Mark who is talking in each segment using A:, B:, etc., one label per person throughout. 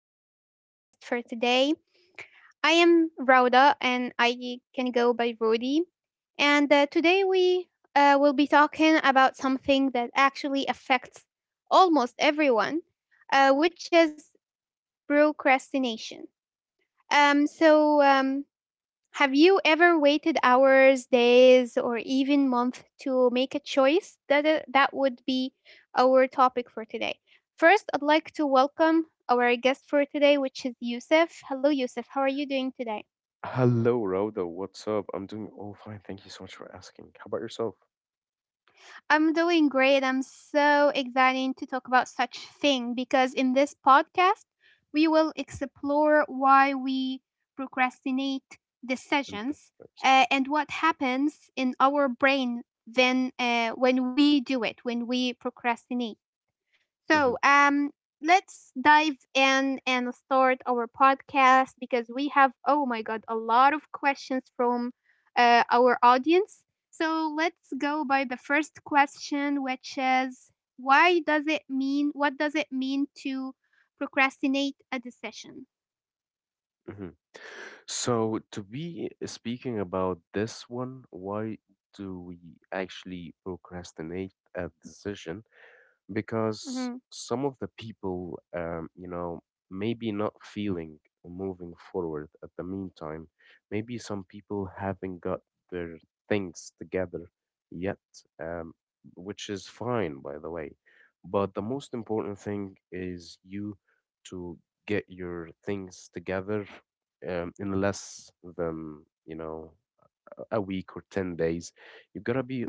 A: our podcast for today. I am Rauda, and I can go by Rudy. And today we will be talking about something that actually affects almost everyone, which is procrastination. Um, so, um, have you ever waited hours, days, or even months to make a choice? That would be our topic for today. First, I'd like to welcome our guest for today, which is Yusuf. Hello, Yusuf. How are you doing today? I'm doing great. I'm so excited to talk about such thing because in this podcast we will explore why we procrastinate decisions and what happens in our brain then when we do it when we procrastinate. So, um, let's dive in and start our podcast because we have, oh my God, a lot of questions from our audience. So, let's go by the first question, which is why does it mean, what does it mean to procrastinate a decision? Mm-hmm,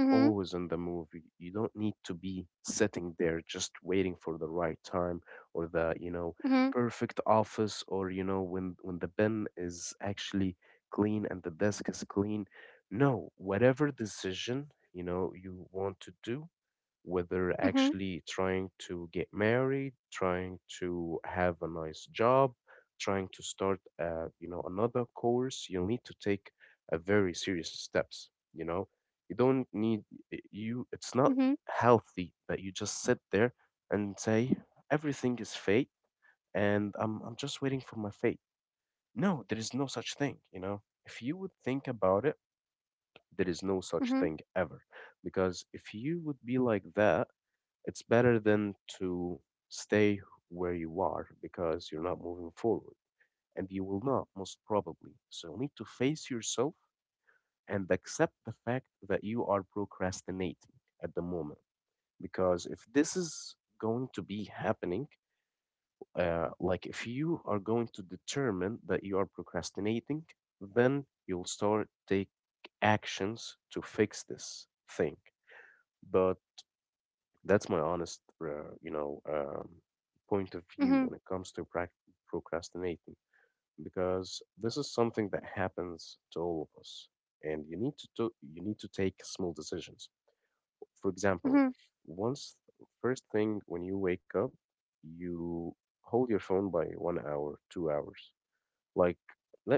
A: mm-hmm, mm-hmm, mm-hmm, mm-hmm, mm-hmm, mm-hmm. Mm-hmm.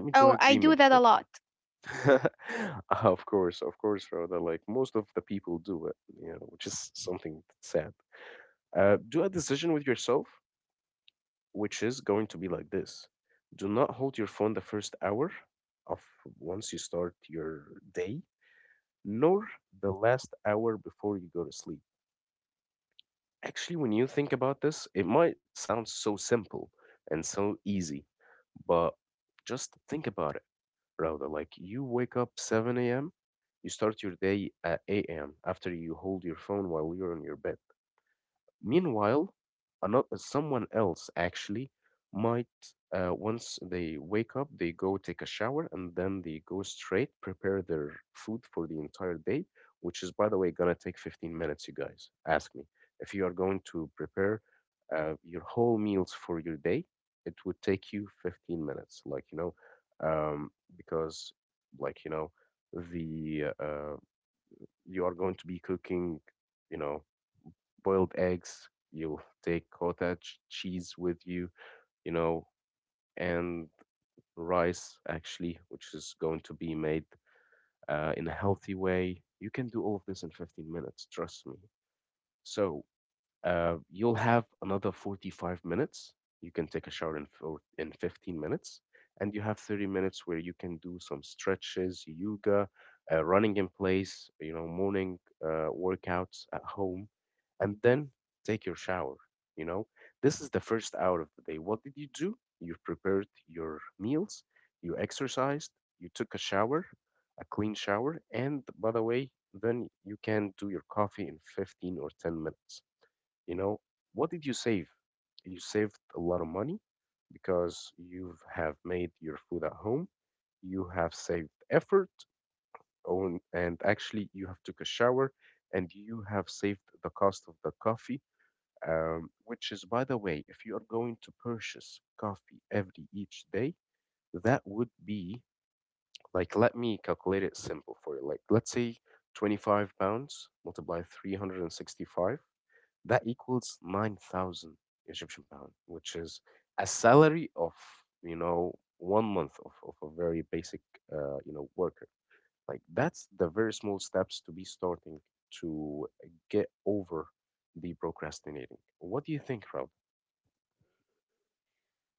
A: Oh, I do that a lot.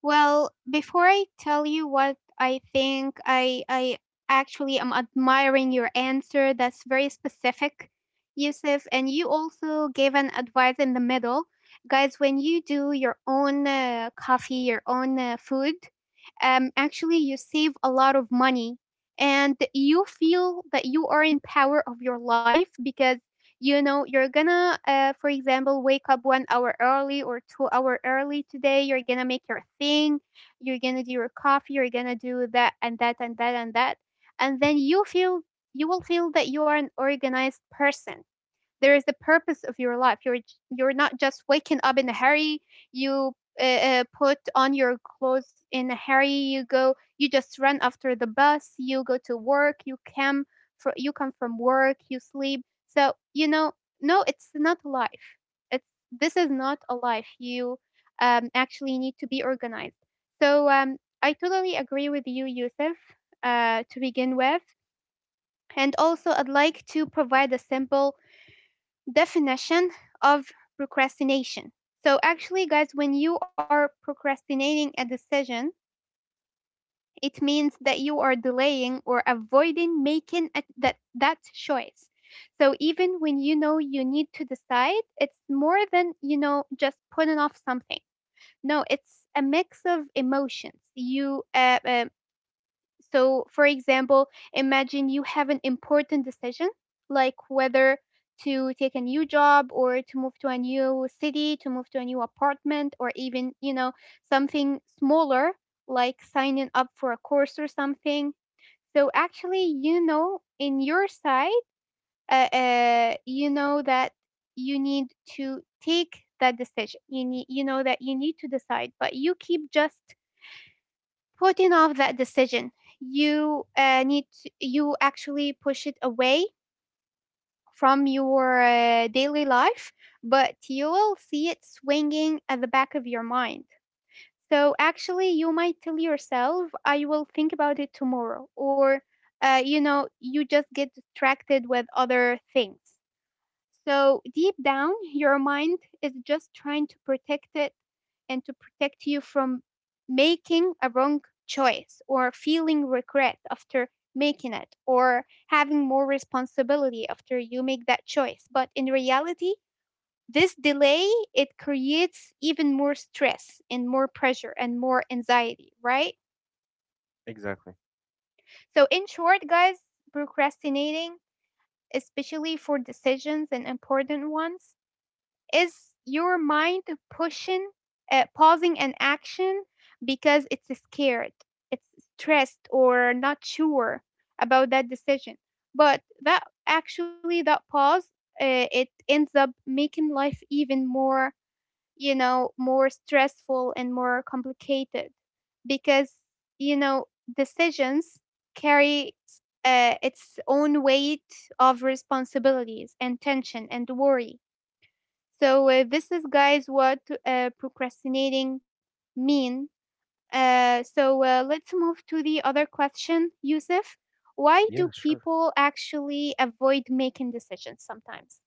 A: Well, before I tell you what I think, I actually am admiring your answer. That's very specific, Yusuf. And you also gave an advice in the middle, guys. When you do your own coffee, your own food, actually you save a lot of money, and you feel that you are in power of your life because you know you're gonna for example wake up 1 hour early or 2 hour early today. You're gonna make your thing, you're gonna do your coffee, you're gonna do that and that and that and that, and then you feel, you will feel that you are an organized person. There is the purpose of your life. You're not just waking up in a hurry. You put on your clothes in a hurry, you go, you just run after the bus, you go to work, you come for, you come from work, you sleep. So you know, no, it's not life. It's, this is not a life. You actually need to be organized. So I totally agree with you, Yusuf, to begin with. And also I'd like to provide a simple definition of procrastination. So, actually, guys, when you are procrastinating a decision, it means that you are delaying or avoiding making that choice. So, even when you know you need to decide, it's more than, you know, just putting off something. No, it's a mix of emotions. You so, for example, imagine you have an important decision like whether to take a new job or to move to a new city, to move to a new apartment, or even, you know, something smaller like signing up for a course or something. So, actually, you know, in your side, you know that you need to take that decision. You need, you know that you need to decide, but you keep just putting off that decision. You you actually push it away from your daily life, but you will see it swinging at the back of your mind. So actually you might tell yourself I will think about it tomorrow, or you know, you just get distracted with other things. So deep down, your mind is just trying to protect it and to protect you from making a wrong choice or feeling regret after making it or having more responsibility after you make that choice. But in reality, this delay, it creates even more stress and more pressure and more anxiety, right? So in short, guys, procrastinating, especially for decisions and important ones, is your mind pushing, pausing an action because it's scared, it's stressed, or not sure about that decision. But that actually, that pause, it ends up making life even more, you know, more stressful and more complicated because, you know, decisions carry its own weight of responsibilities and tension and worry. So this is, guys, what procrastinating mean. So let's move to the other question, Yusuf. Why do people actually avoid making decisions sometimes?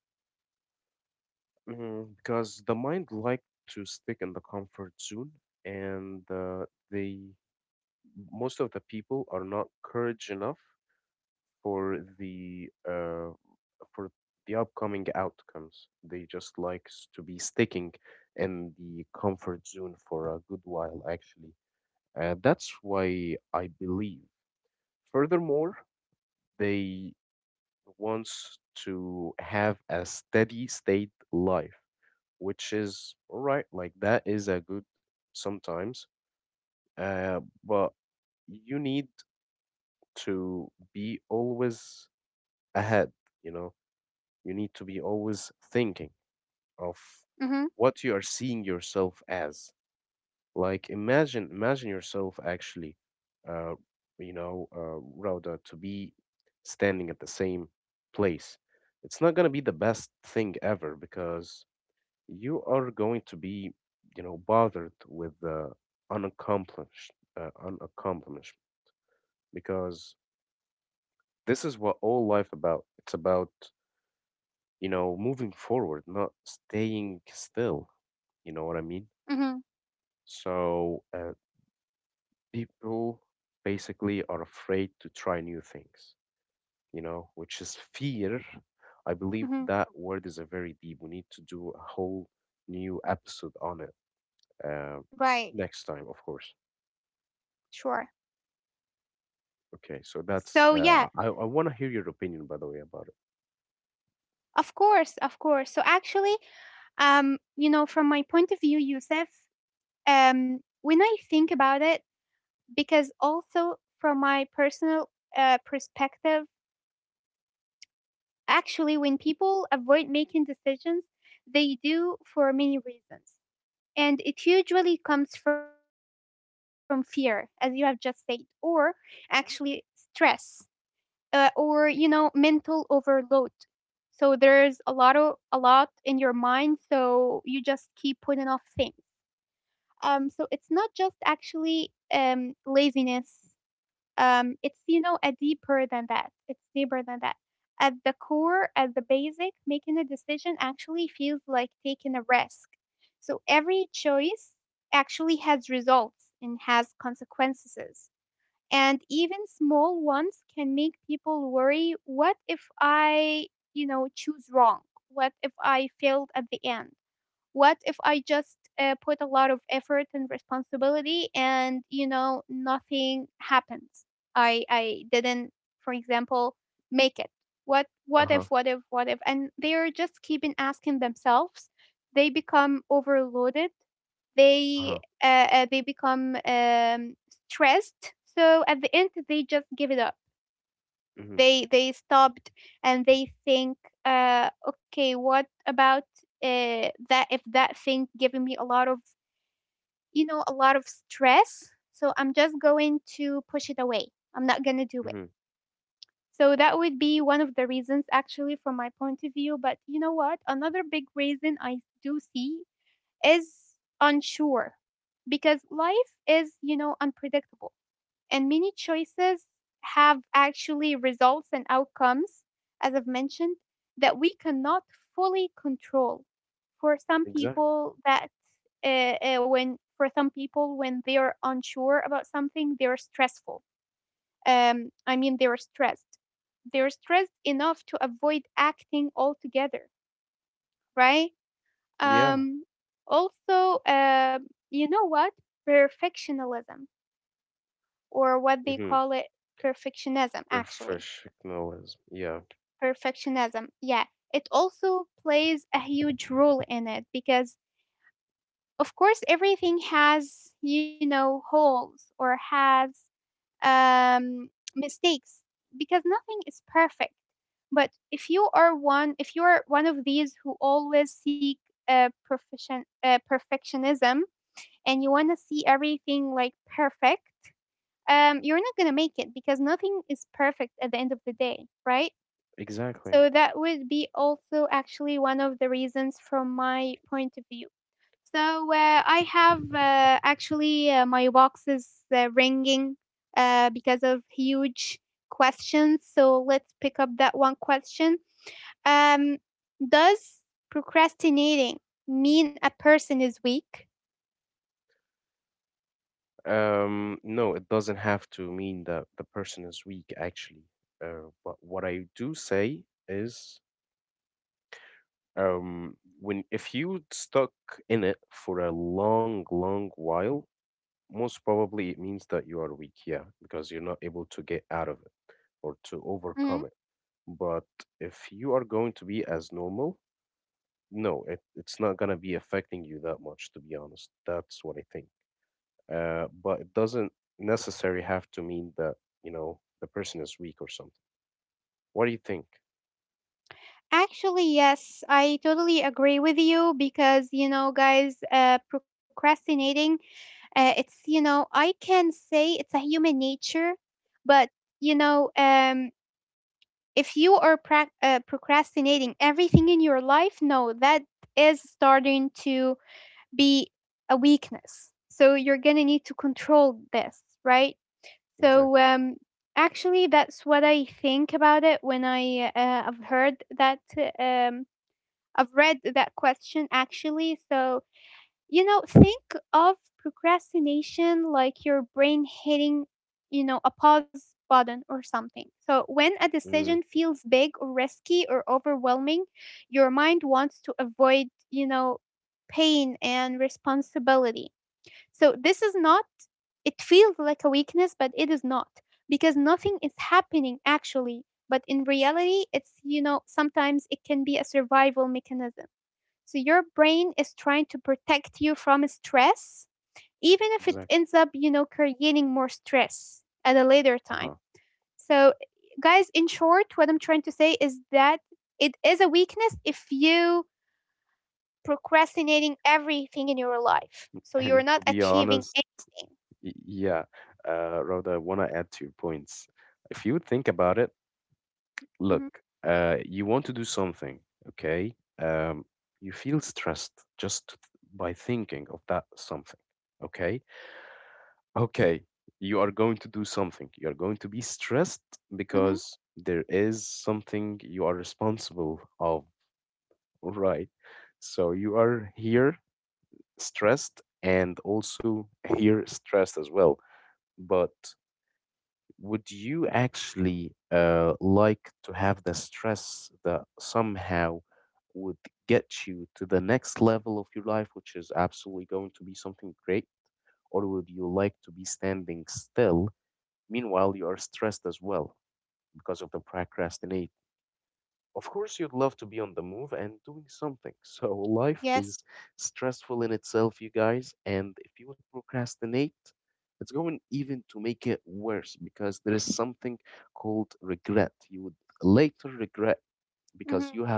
A: Mm-hmm, mm-hmm, mm-hmm. Right, sure. So yeah, of course, of course. So actually, you know, from my point of view, Yusuf, when I think about it, because also from my personal perspective, actually, when people avoid making decisions, they do for many reasons. And it usually comes from fear, as you have just said, or actually stress, or you know, mental overload. So there's a lot of a lot in your mind, so you just keep putting off things. So it's not just actually laziness. It's you know a deeper than that, it's deeper than that. At the core, at the basic, making a decision actually feels like taking a risk. So every choice actually has results and has consequences, and even small ones can make people worry. What if I, you know, choose wrong? What if I failed at the end? What if I just put a lot of effort and responsibility and, you know, nothing happens? I didn't, for example, make it. What if? And they're just keeping asking themselves. They become overloaded. They, uh, they become stressed. So at the end, they just give it up. They stopped and they think, okay, what about that, if that thing giving me a lot of, you know, a lot of stress, so I'm just going to push it away. I'm not going to do it. So that would be one of the reasons actually from my point of view. But you know what, another big reason I do see is unsure, because life is you know unpredictable, and many choices have actually results and outcomes, as I've mentioned, that we cannot fully control. For some people, that when for some people when they are unsure about something, they are stressful. I mean, they are stressed. They are stressed enough to avoid acting altogether, right? Um, also, uh, you know what? Perfectionism, or what they call it, perfectionism, actually perfectionism. Yeah, it also plays a huge role in it because, of course, everything has, you know, holes or has um, mistakes because nothing is perfect. But if you are one of these who always seek perfectionism and you want to see everything like perfect, you're not going to make it because nothing is perfect at the end of the day, right? So that would be also actually one of the reasons from my point of view. So I have actually my box is ringing because of huge questions. So let's pick up that one question. Um, does procrastinating mean a person is weak? Mhm. Actually, yes, I totally agree with you because, you know, guys, procrastinating, it's you know I can say it's a human nature, but you know if you are prac procrastinating everything in your life, no, that is starting to be a weakness. So you're gonna need to control this, right? So actually, that's what I think about it when I've heard that I've read that question actually. So you know, think of procrastination like your brain hitting, you know, a pause button or something. So when a decision feels big or risky or overwhelming, your mind wants to avoid, you know, pain and responsibility. So this is not, it feels like a weakness, but it is not, because nothing is happening actually. But in reality, it's, you know, sometimes it can be a survival mechanism. So your brain is trying to protect you from stress, even if it ends up, you know, creating more stress at a later time. So, guys, in short, what I'm trying to say is that it is a weakness if you procrastinating everything in your life. So you're not achieving anything. Hmm. Hmm. Yes. Hmm.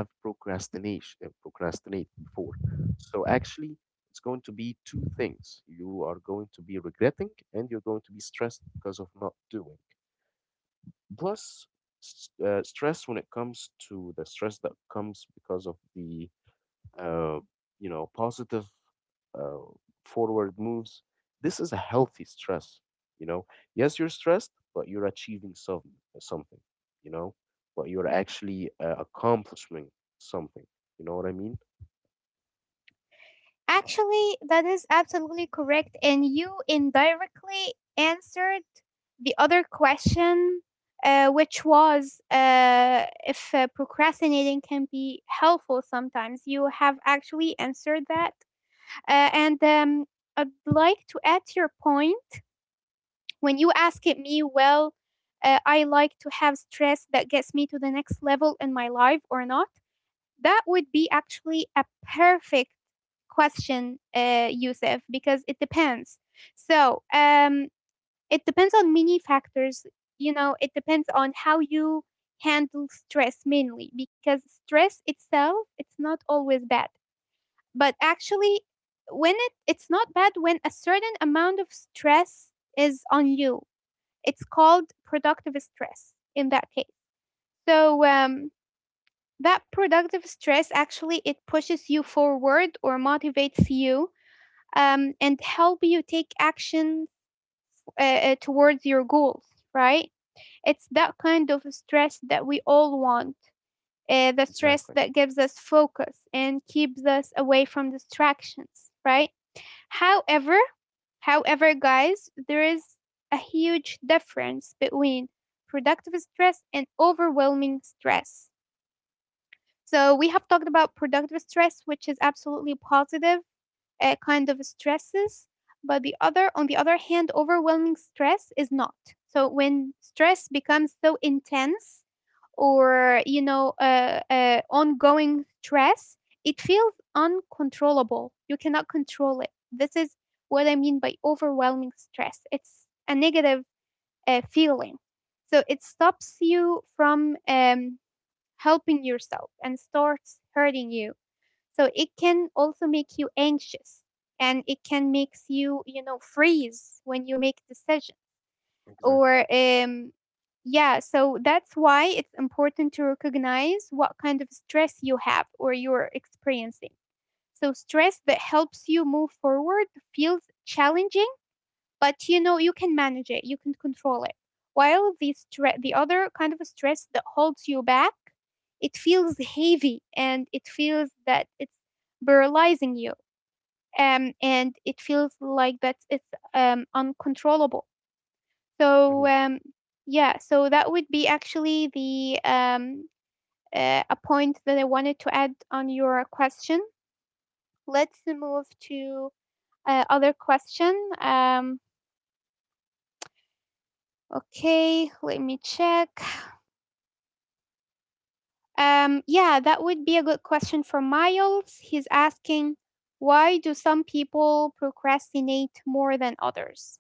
A: Actually, that is absolutely correct. And you indirectly answered the other question, which was if procrastinating can be helpful sometimes. You have actually answered that. And I'd like to add to your point when you asked me, well, I like to have stress that gets me to the next level in my life or not. That would be actually a perfect question, Yusuf, because it depends. So um, it depends on many factors. You know, it depends on how you handle stress mainly, because stress itself, it's not always bad. But actually, it's not bad when a certain amount of stress is on you. It's called productive stress in that case. So um, that productive stress actually it pushes you forward or motivates you, and help you take action towards your goals, right? It's that kind of stress that we all want, the stress that gives us focus and keeps us away from distractions, right? However, however, guys, there is a huge difference between productive stress and overwhelming stress. So we have talked about productive stress, which is absolutely positive, kind of stresses, but the other on the other hand overwhelming stress is not. So when stress becomes so intense or, you know, ongoing stress, it feels uncontrollable, you cannot control it. This is what I mean by overwhelming stress. It's a negative feeling, so it stops you from, helping yourself and starts hurting you. So it can also make you anxious, and it can makes you, you know, freeze when you make decision or yeah, so that's why it's important to recognize what kind of stress you have or you're experiencing. So stress that helps you move forward feels challenging, but you know, you can manage it, you can control it. While the other kind of a stress that holds you back, it feels heavy and it feels that it's paralyzing you. And it feels like that it's uncontrollable. So um, yeah, so that would be actually the a point that I wanted to add on your question. Let's move to other question. Um, okay, let me check. Yeah, that would be a good question from Miles. He's asking, why do some people procrastinate more than others?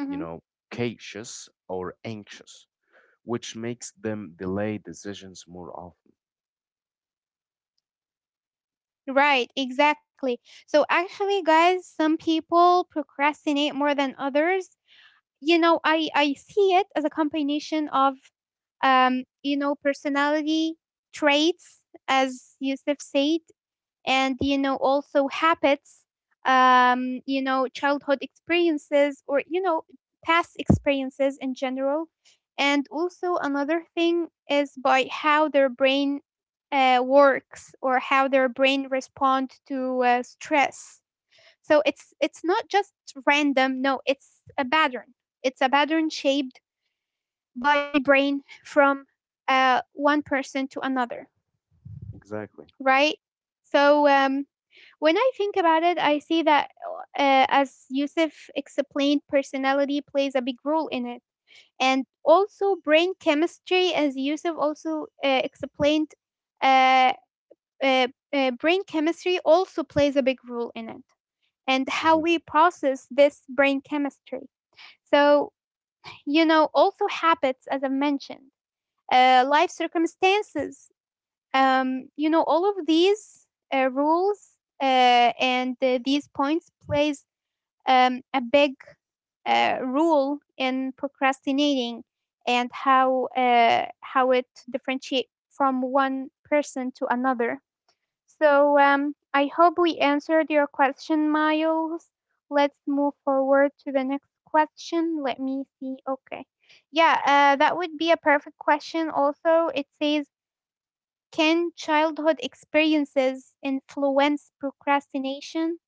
A: Mhm. Right, exactly. So, actually, guys, some people procrastinate more than others. You know, I see it as a combination of, you know, personality traits, as Yusuf said, and you know also habits, you know childhood experiences or you know past experiences in general, and also another thing is by how their brain works or how their brain respond to stress. So it's not just random. No, it's a pattern. It's a pattern shaped by brain from one person to another, right? so um, when I think about it, I see that, as Yusuf explained, personality plays a big role in it. And also brain chemistry, as Yusuf also explained, uh, uh, brain chemistry also plays a big role in it, and how we process this brain chemistry. So, you know, also habits, as I mentioned, life circumstances, you know, all of these rules and these points plays a big role in procrastinating and how it differentiate from one person to another. So I hope we answered your question, Miles. Let's move forward to the next question. Let me see. Okay. Yeah, that would be a perfect question. Also, it says, can childhood experiences influence procrastination?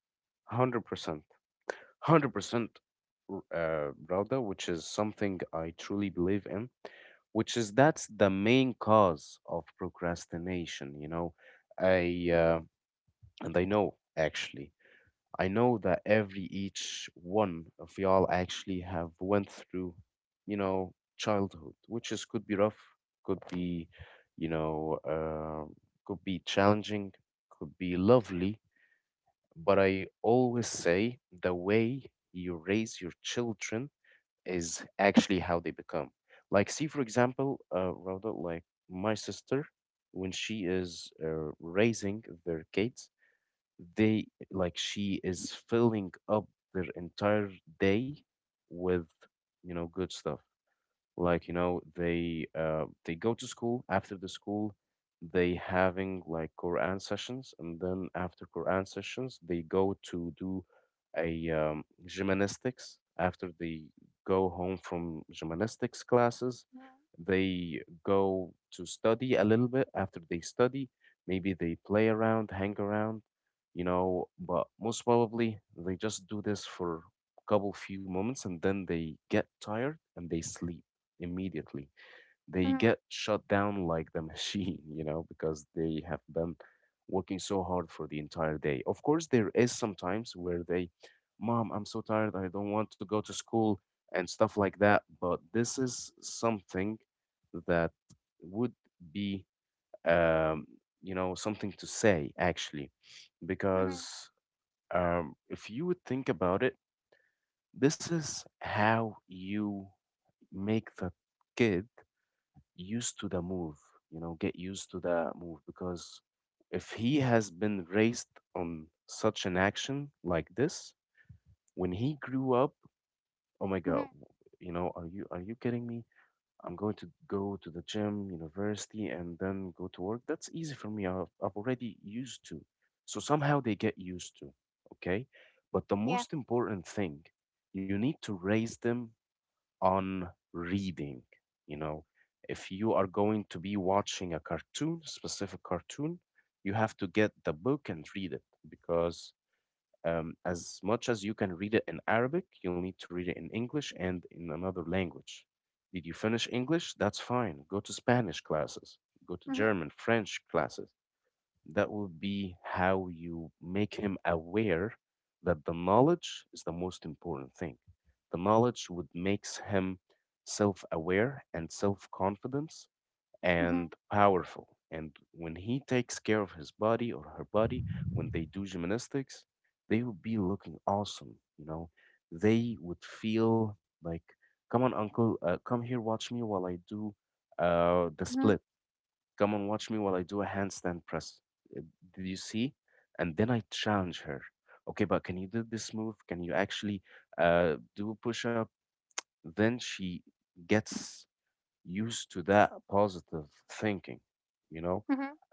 A: Mhm, mhm, mhm, mhm, yeah. Mm-hmm. Mhm, mhm, mhm,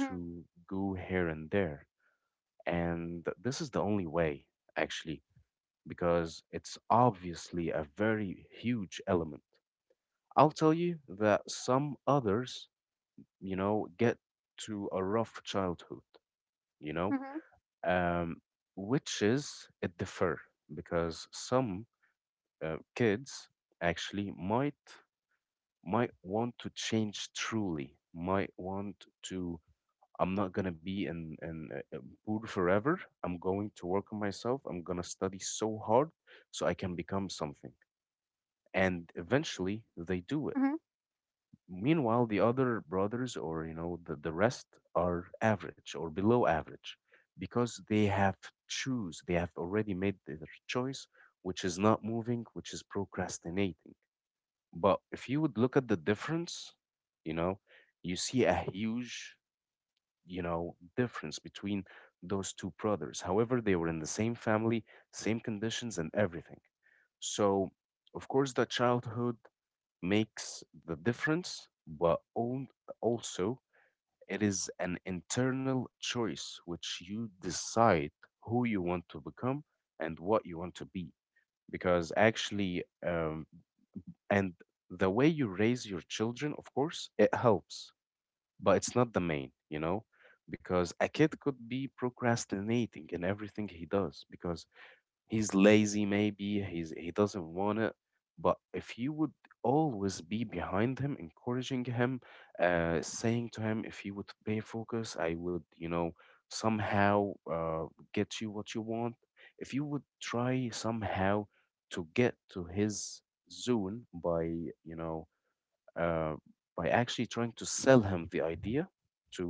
A: mhm, mhm, mhm,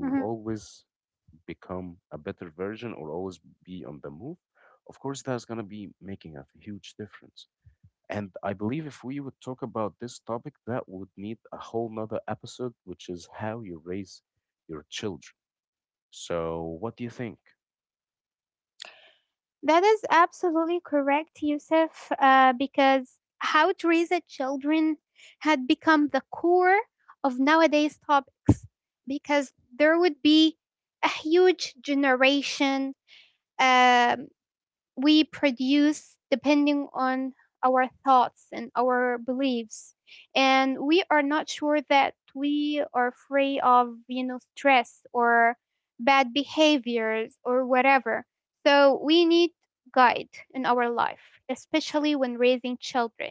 A: mhm. That is absolutely correct, Yusuf, because how to raise a children had become the core of nowadays topics, because there would be a huge generation um we produce depending on our thoughts and our beliefs, and we are not sure that we are free of, you know, stress or bad behaviors or whatever. So we need guide in our life, especially when raising children,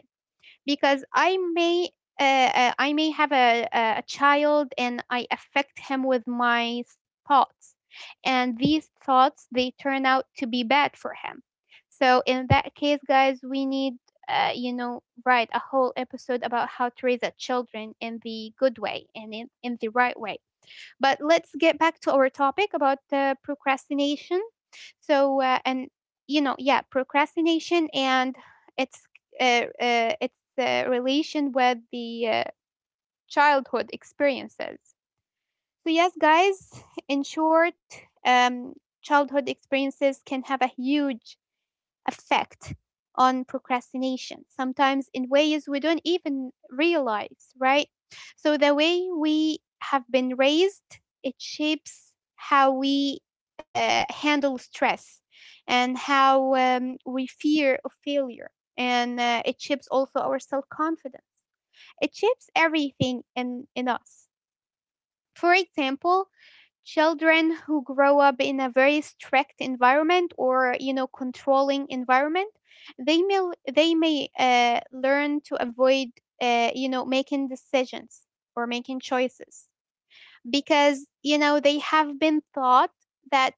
A: because I may have a child and I affect him with my thoughts, and these thoughts they turn out to be bad for him. So in that case, guys, we need, you know, write a whole episode about how to raise our children in the good way and in the right way. But let's get back to our topic about procrastination. So, and you know, yeah, procrastination and its relation with the childhood experiences. So, yes, guys, in short, um, childhood experiences can have a huge effect on procrastination, sometimes in ways we don't even realize, right? So, the way we have been raised, it shapes how we handle stress, and how, we fear of failure. And it shapes also our self confidence. It shapes everything in us. For example, children who grow up in a very strict environment or you know controlling environment, they may they may learn to avoid, you know, making decisions or making choices, because you know they have been taught that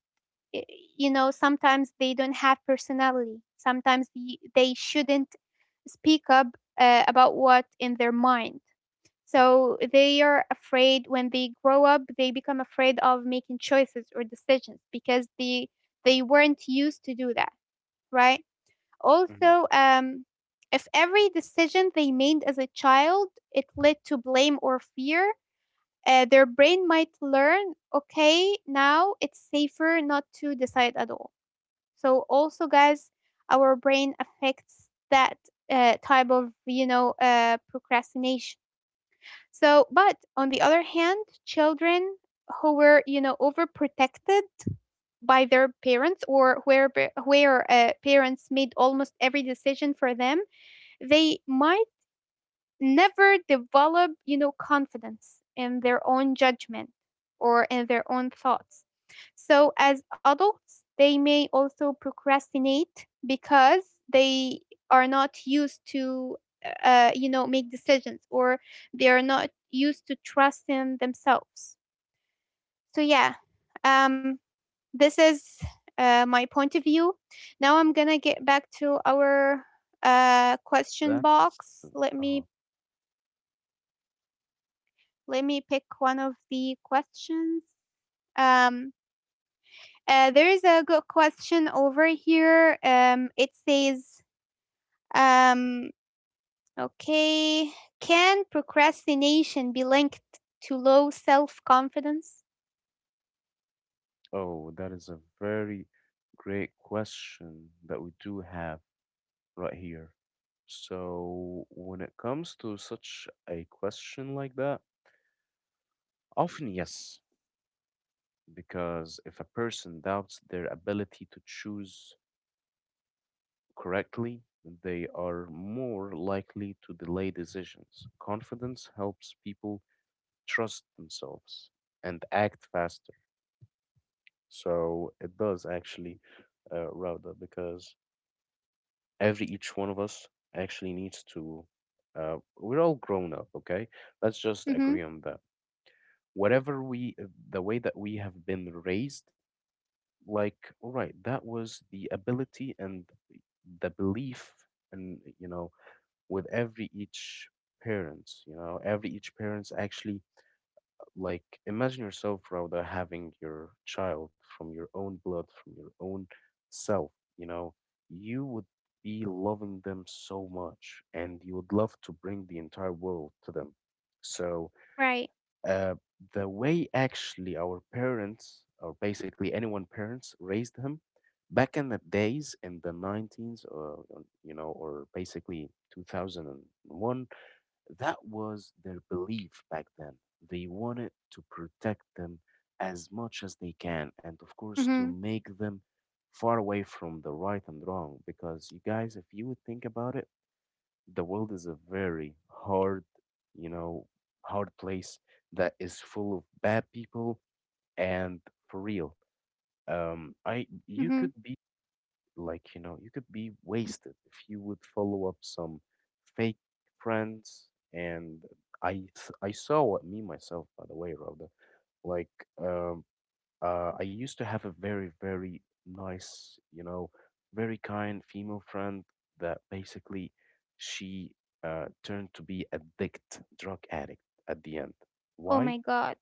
A: eh, you know sometimes they don't have personality, sometimes they shouldn't speak up about what in their mind. So they are afraid when they grow up, they become afraid of making choices or decisions because they weren't used to do that, right? Also, if every decision they made as a child it led to blame or fear, their brain might learn, okay, now it's safer not to decide at all. So also, guys, our brain affects that type of, you know, procrastination. So, but on the other hand, children who were, you know, overprotected by their parents, or where parents made almost every decision for them, they might never develop, you know, confidence in their own judgment or in their own thoughts. So as adults, they may also procrastinate because they are not used to, you know, make decisions, or they are not used to trust in themselves. So yeah, um, this is my point of view. Now I'm gonna get back to our question box. Let me pick one of the questions. Um, there is a good question over here. It says, um, okay, can procrastination be linked to low self confidence? Mm-hmm. Right. Mm-hmm. Mm-hmm. Oh my God.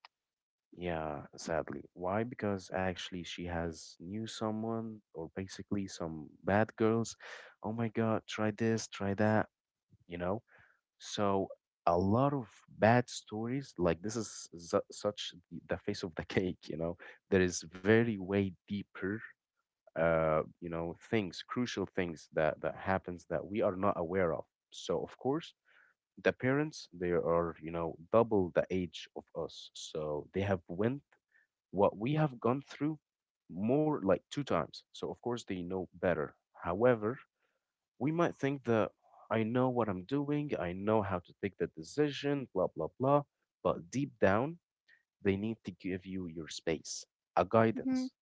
A: Mm-hmm.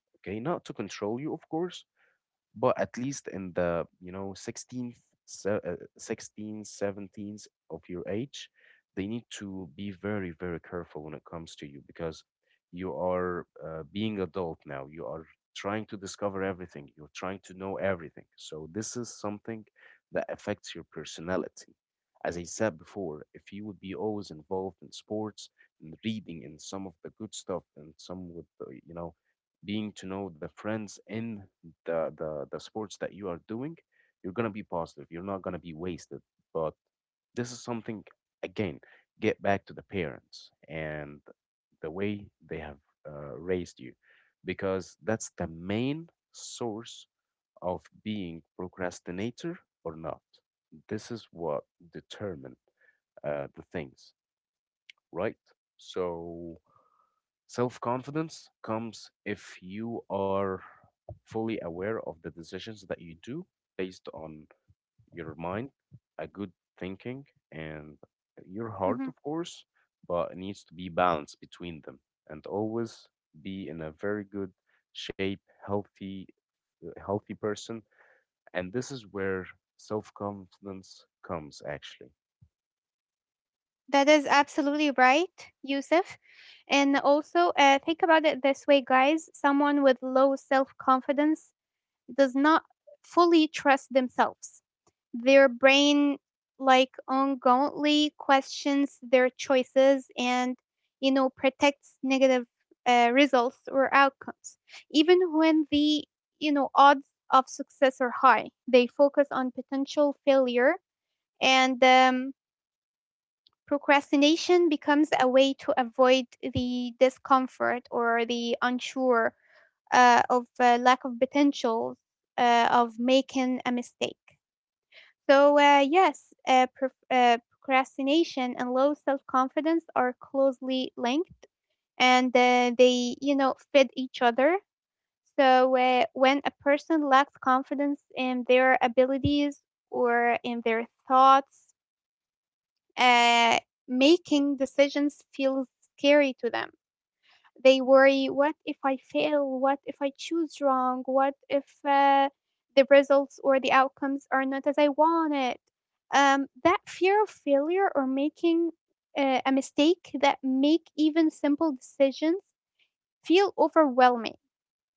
A: Mm-hmm. That is absolutely right, Yusuf. And also, think about it this way, guys. Someone with low self confidence does not fully trust themselves. Their brain like ongoingly questions their choices, and you know protects negative results or outcomes. Even when the, you know, odds of success are high, they focus on potential failure, and procrastination becomes a way to avoid the discomfort or the unsure of lack of potentials of making a mistake. So yes, procrastination and low self confidence are closely linked, and they you know fit each other. So when a person lacks confidence in their abilities or in their thoughts, uh, making decisions feels scary to them. They worry, what if I fail? What if I choose wrong? What if the results or the outcomes are not as I wanted? That fear of failure or making a mistake that make even simple decisions feel overwhelming,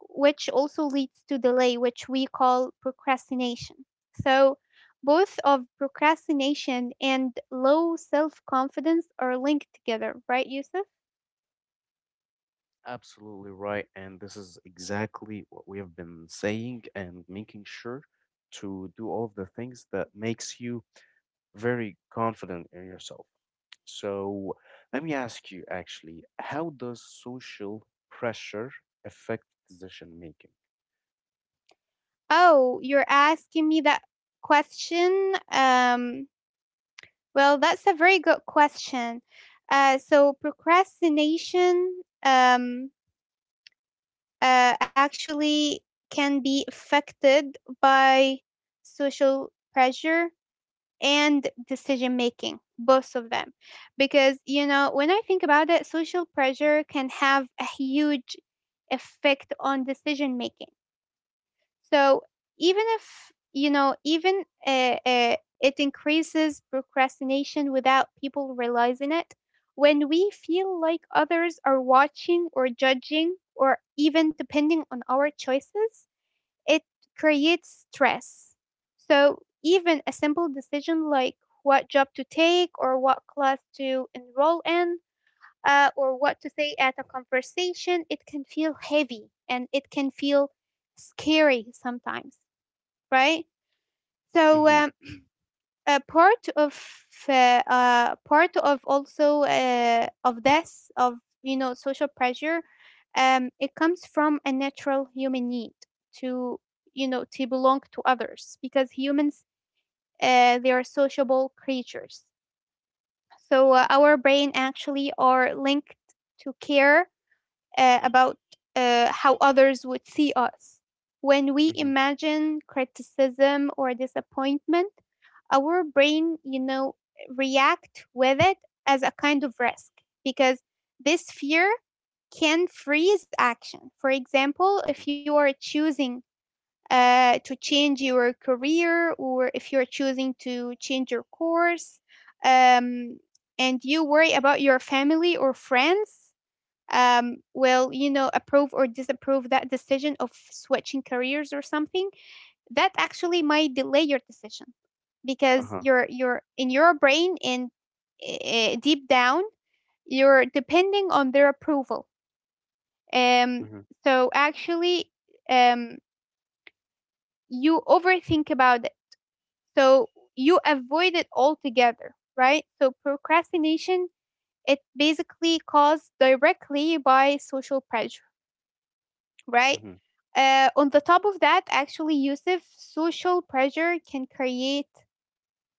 A: which also leads to delay, which we call procrastination. So, both of procrastination and low self confidence are linked together, right, Yusuf? Oh, you're asking me that question? Well, that's a very good question. So procrastination, um, actually can be affected by social pressure and decision making, both of them. Because, you know, when I think about it, social pressure can have a huge effect on decision making. So even if you know, even it increases procrastination without people realizing it. When we feel like others are watching or judging or even depending on our choices, it creates stress. So even a simple decision like what job to take or what class to enroll in, or what to say at a conversation, it can feel heavy and it can feel scary sometimes, right? So a part of, part of also of this of, you know, social pressure, it comes from a natural human need to, you know, to belong to others, because humans they are sociable creatures. So our brain actually are linked to care about how others would see us. When we imagine criticism or disappointment, our brain, you know, react with it as a kind of risk, because this fear can freeze action. For example, if you are choosing to change your career, or if you're choosing to change your course, um, and you worry about your family or friends, will you know approve or disapprove that decision of switching careers or something, that actually might delay your decision, because you're in your brain, and deep down you're depending on their approval, um so actually, um you overthink about it, so you avoid it altogether, right? So procrastination, it basically caused directly by social pressure, right? On the top of that, actually, Yusuf, social pressure can create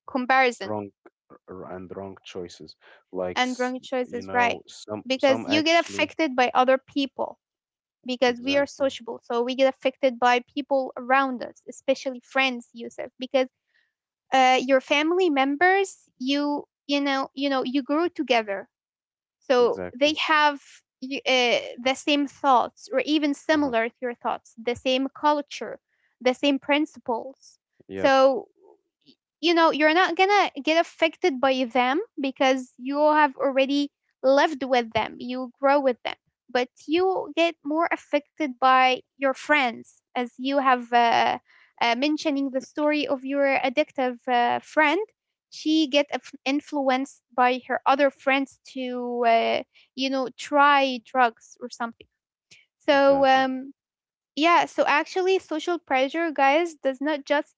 A: comparison and wrong choices, right? Because you get affected by other people, because we are sociable. So we get affected by people around us, especially friends, Yusuf, because your family members, you know you grew together, so they have y- uh, the same thoughts or even similar to your thoughts, the same culture, the same principles. So y- you know, you're not gonna get affected by them because you have already lived with them, you grow with them. But you get more affected by your friends. As you have mentioning the story of your addictive friend, she get influenced by her other friends to, you know, try drugs or something. So yeah, so actually social pressure, guys, does not just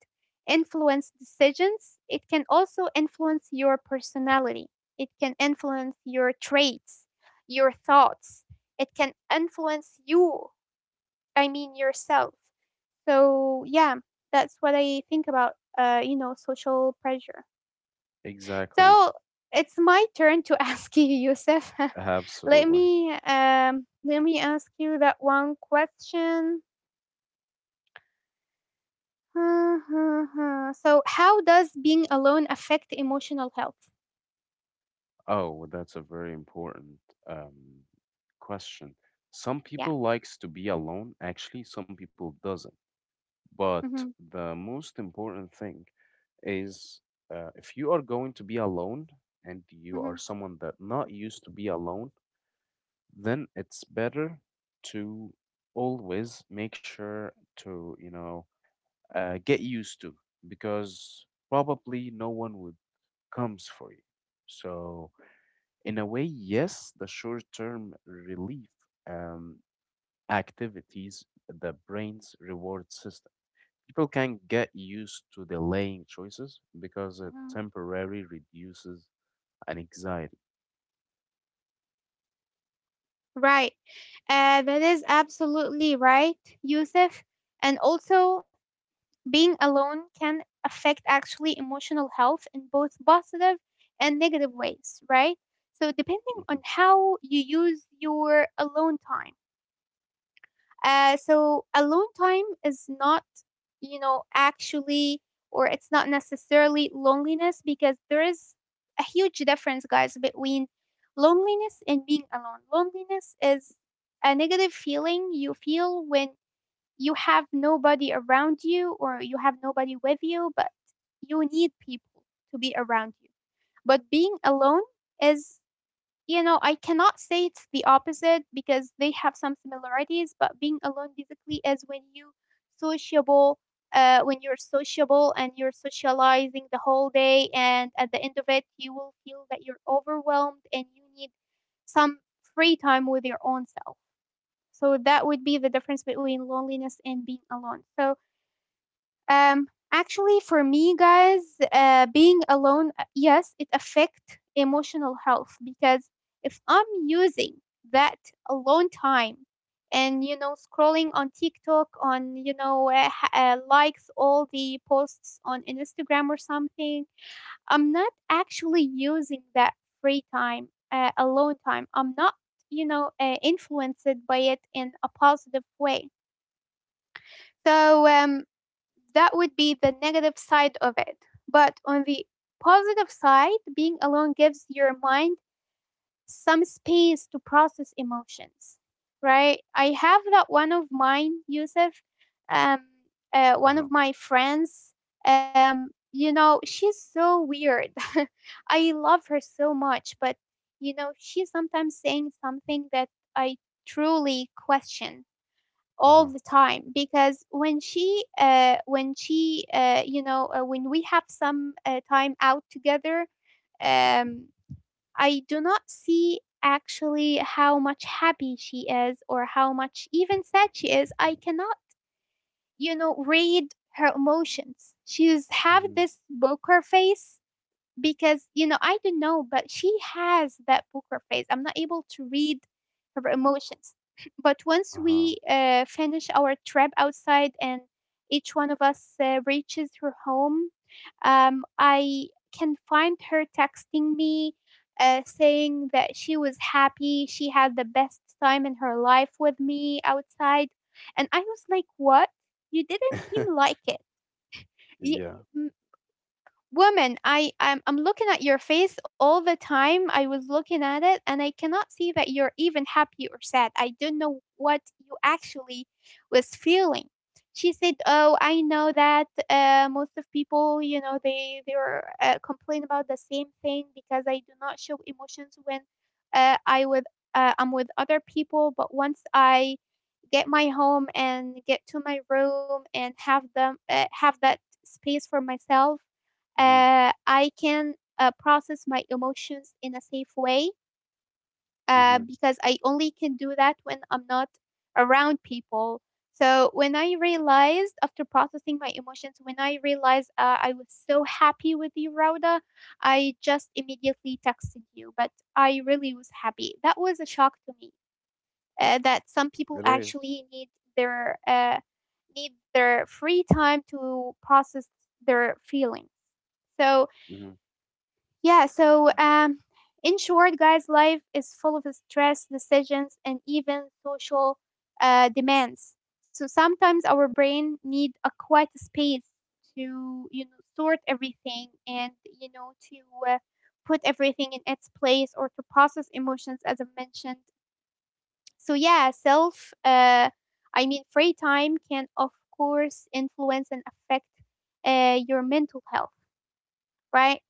A: influence decisions, it can also influence your personality, it can influence your traits, your thoughts, it can influence you, I mean yourself. So yeah, that's what I think about social pressure. So it's my turn to ask you, Yusuf. Let me let me ask you that one question. So, how does being alone affect emotional health? Yeah. hmm hmm hmm Right. That is absolutely right, Yusuf. And also, being alone can affect actually emotional health in both positive and negative ways, right? So, depending on how you use your alone time. So, alone time is not, you know, actually, or it's not necessarily loneliness, because there is a huge difference, guys, between loneliness and being alone. Loneliness is a negative feeling you feel when you have nobody around you or you have nobody with you, but you need people to be around you. But being alone is, you know, I cannot say it's the opposite because they have some similarities, but being alone basically is when you sociable. When you're sociable and you're socializing the whole day, and at the end of it, you will feel that you're overwhelmed and you need some free time with your own self. So that would be the difference between loneliness and being alone. So um actually for me, guys, being alone, yes, it affects emotional health, because if I'm using that alone time and, you know, scrolling on TikTok, on, you know, likes all the posts on Instagram or something, I'm not actually using that free time, alone time. I'm not, you know, influenced by it in a positive way. So that would be the negative side of it. But on the positive side, being alone gives your mind some space to process emotions, right? I have that one of mine, Yusuf, um, one of my friends. Um, you know, she's so weird. I love her so much, but you know, she's sometimes saying something that I truly question all the time. Because when she when she, you know, when we have some time out together, um I do not see actually how much happy she is or how much even sad she is. I cannot, you know, read her emotions. She's have this poker face because, you know, I don't know, but she has that poker face. I'm not able to read her emotions. But once we finish our trip outside and each one of us reaches her home, I can find her texting me, saying that she was happy. She had the best time in her life with me outside. And I was like, what? You didn't seem like it. Y- Woman, I'm looking at your face all the time, I was looking at it and I cannot see that you're even happy or sad. I don't know what you actually was feeling. She said, oh, I know that, most of people, you know, they were, complain about the same thing, because I do not show emotions when uh, i with I'm with other people. But once I get my home and get to my room and have them, have that space for myself, I can, process my emotions in a safe way, because I only can do that when I'm not around people. So when I realized, after processing my emotions, when I realized, I was so happy with you, Rauda, I just immediately texted you. But I really was happy. That was a shock to me, that some people actually their uh, need their free time to process their feelings. So yeah, so in short, guys, life is full of stress, decisions, and even social demands. So sometimes our brain need a quiet space to, you know, sort everything and, you know, to, put everything in its place or to process emotions, as I mentioned. So yeah, I mean, free time can of course influence and affect your mental health, right?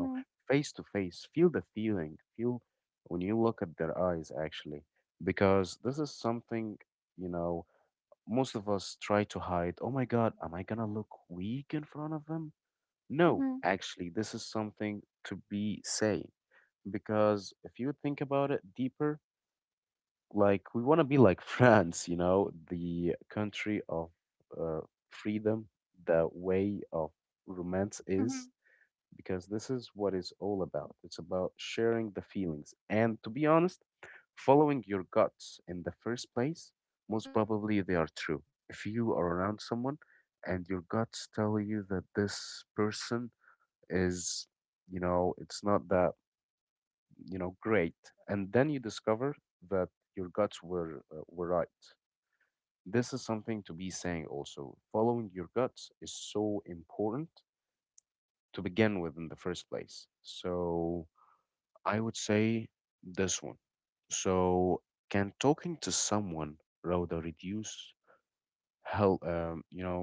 A: hmm hmm hmm Yes, exactly. So actually, guys, talking to someone can be extremely helpful, and also, you know, that type of talking. Um, yeah, so that's it actually. Also, having a conversation with, you know, people, having conversation helps clarity in your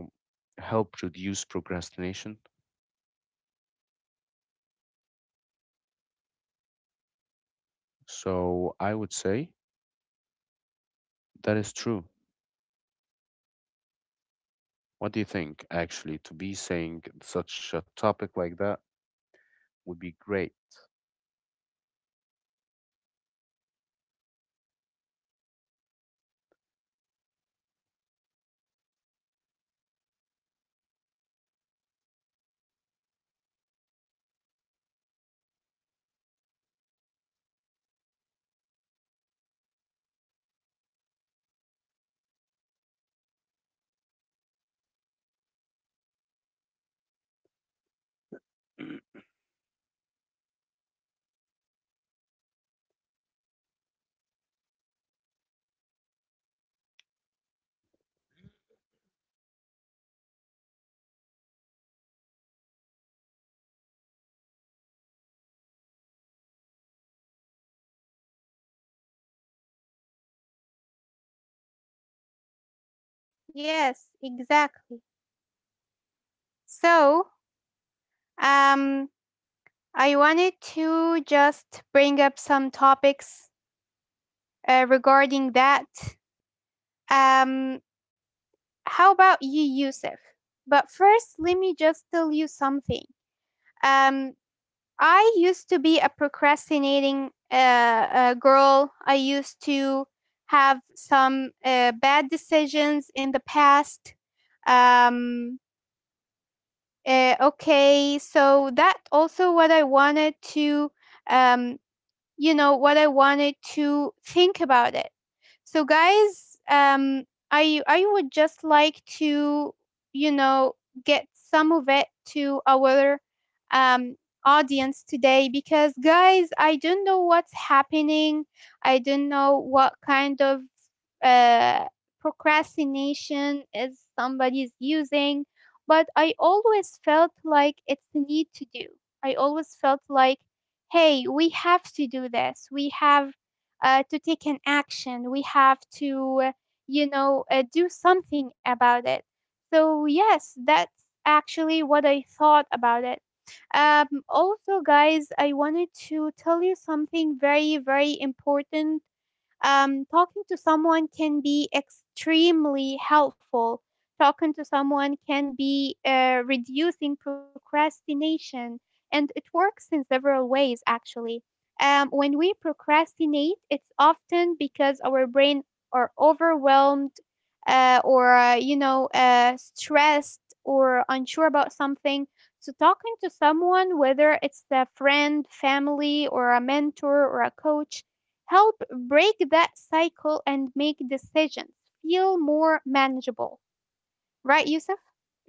A: thoughts when you explain a problem, when you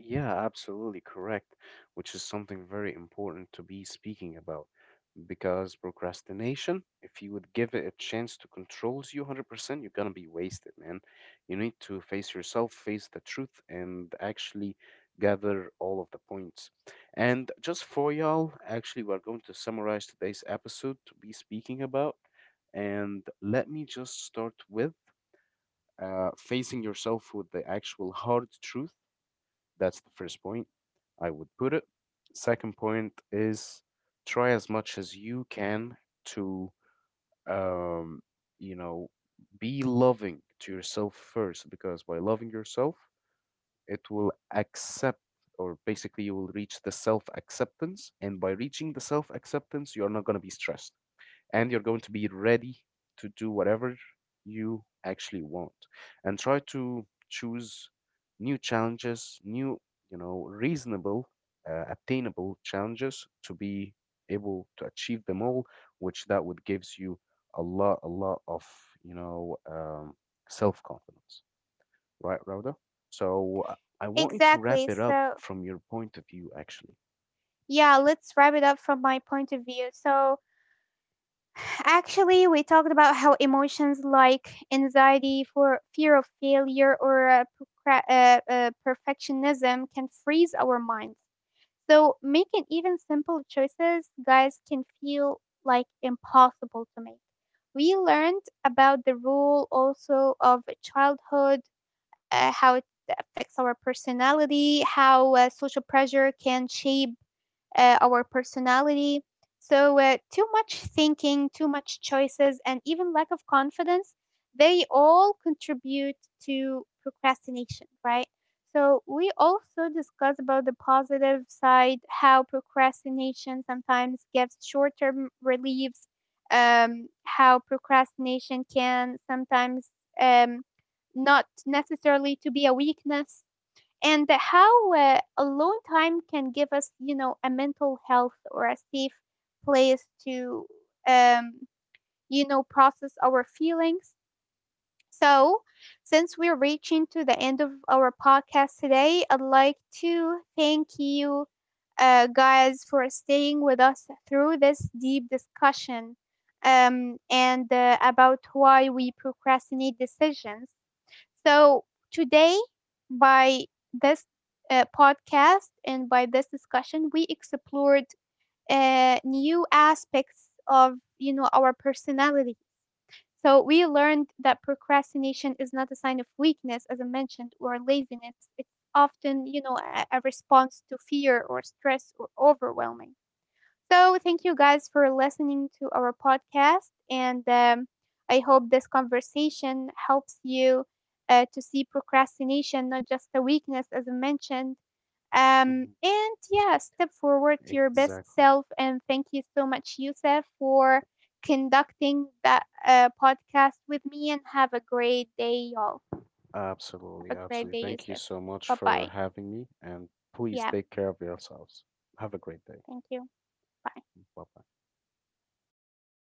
B: Yeah, absolutely correct, which is something very important to be speaking about because procrastination, if you would give it a chance to controls you 100%, you're gonna be wasted, man. You need to face yourself, face the truth, and actually gather all of the points. And just for y'all, actually, we're going to summarize today's episode to be speaking about. And let me just start with facing yourself with the actual hard truth. That's the first point I would put it. Second point is try as much as you can to, um, you know, be loving to yourself first, because by loving yourself, it will accept, or basically, you will reach the self acceptance. And by reaching the self acceptance, you're not going to be stressed and you're going to be ready to do whatever you actually want, and try to choose new challenges, new, reasonable, attainable challenges to be able to achieve them all, which that would gives you a lot of you know um, self-confidence, right, Rhoda? So I want you to wrap it up from your point of view actually. Mhm. Exactly. Absolutely, absolutely. Thank you so much for having me, and please take care of yourselves. Have a great day. Bye bye.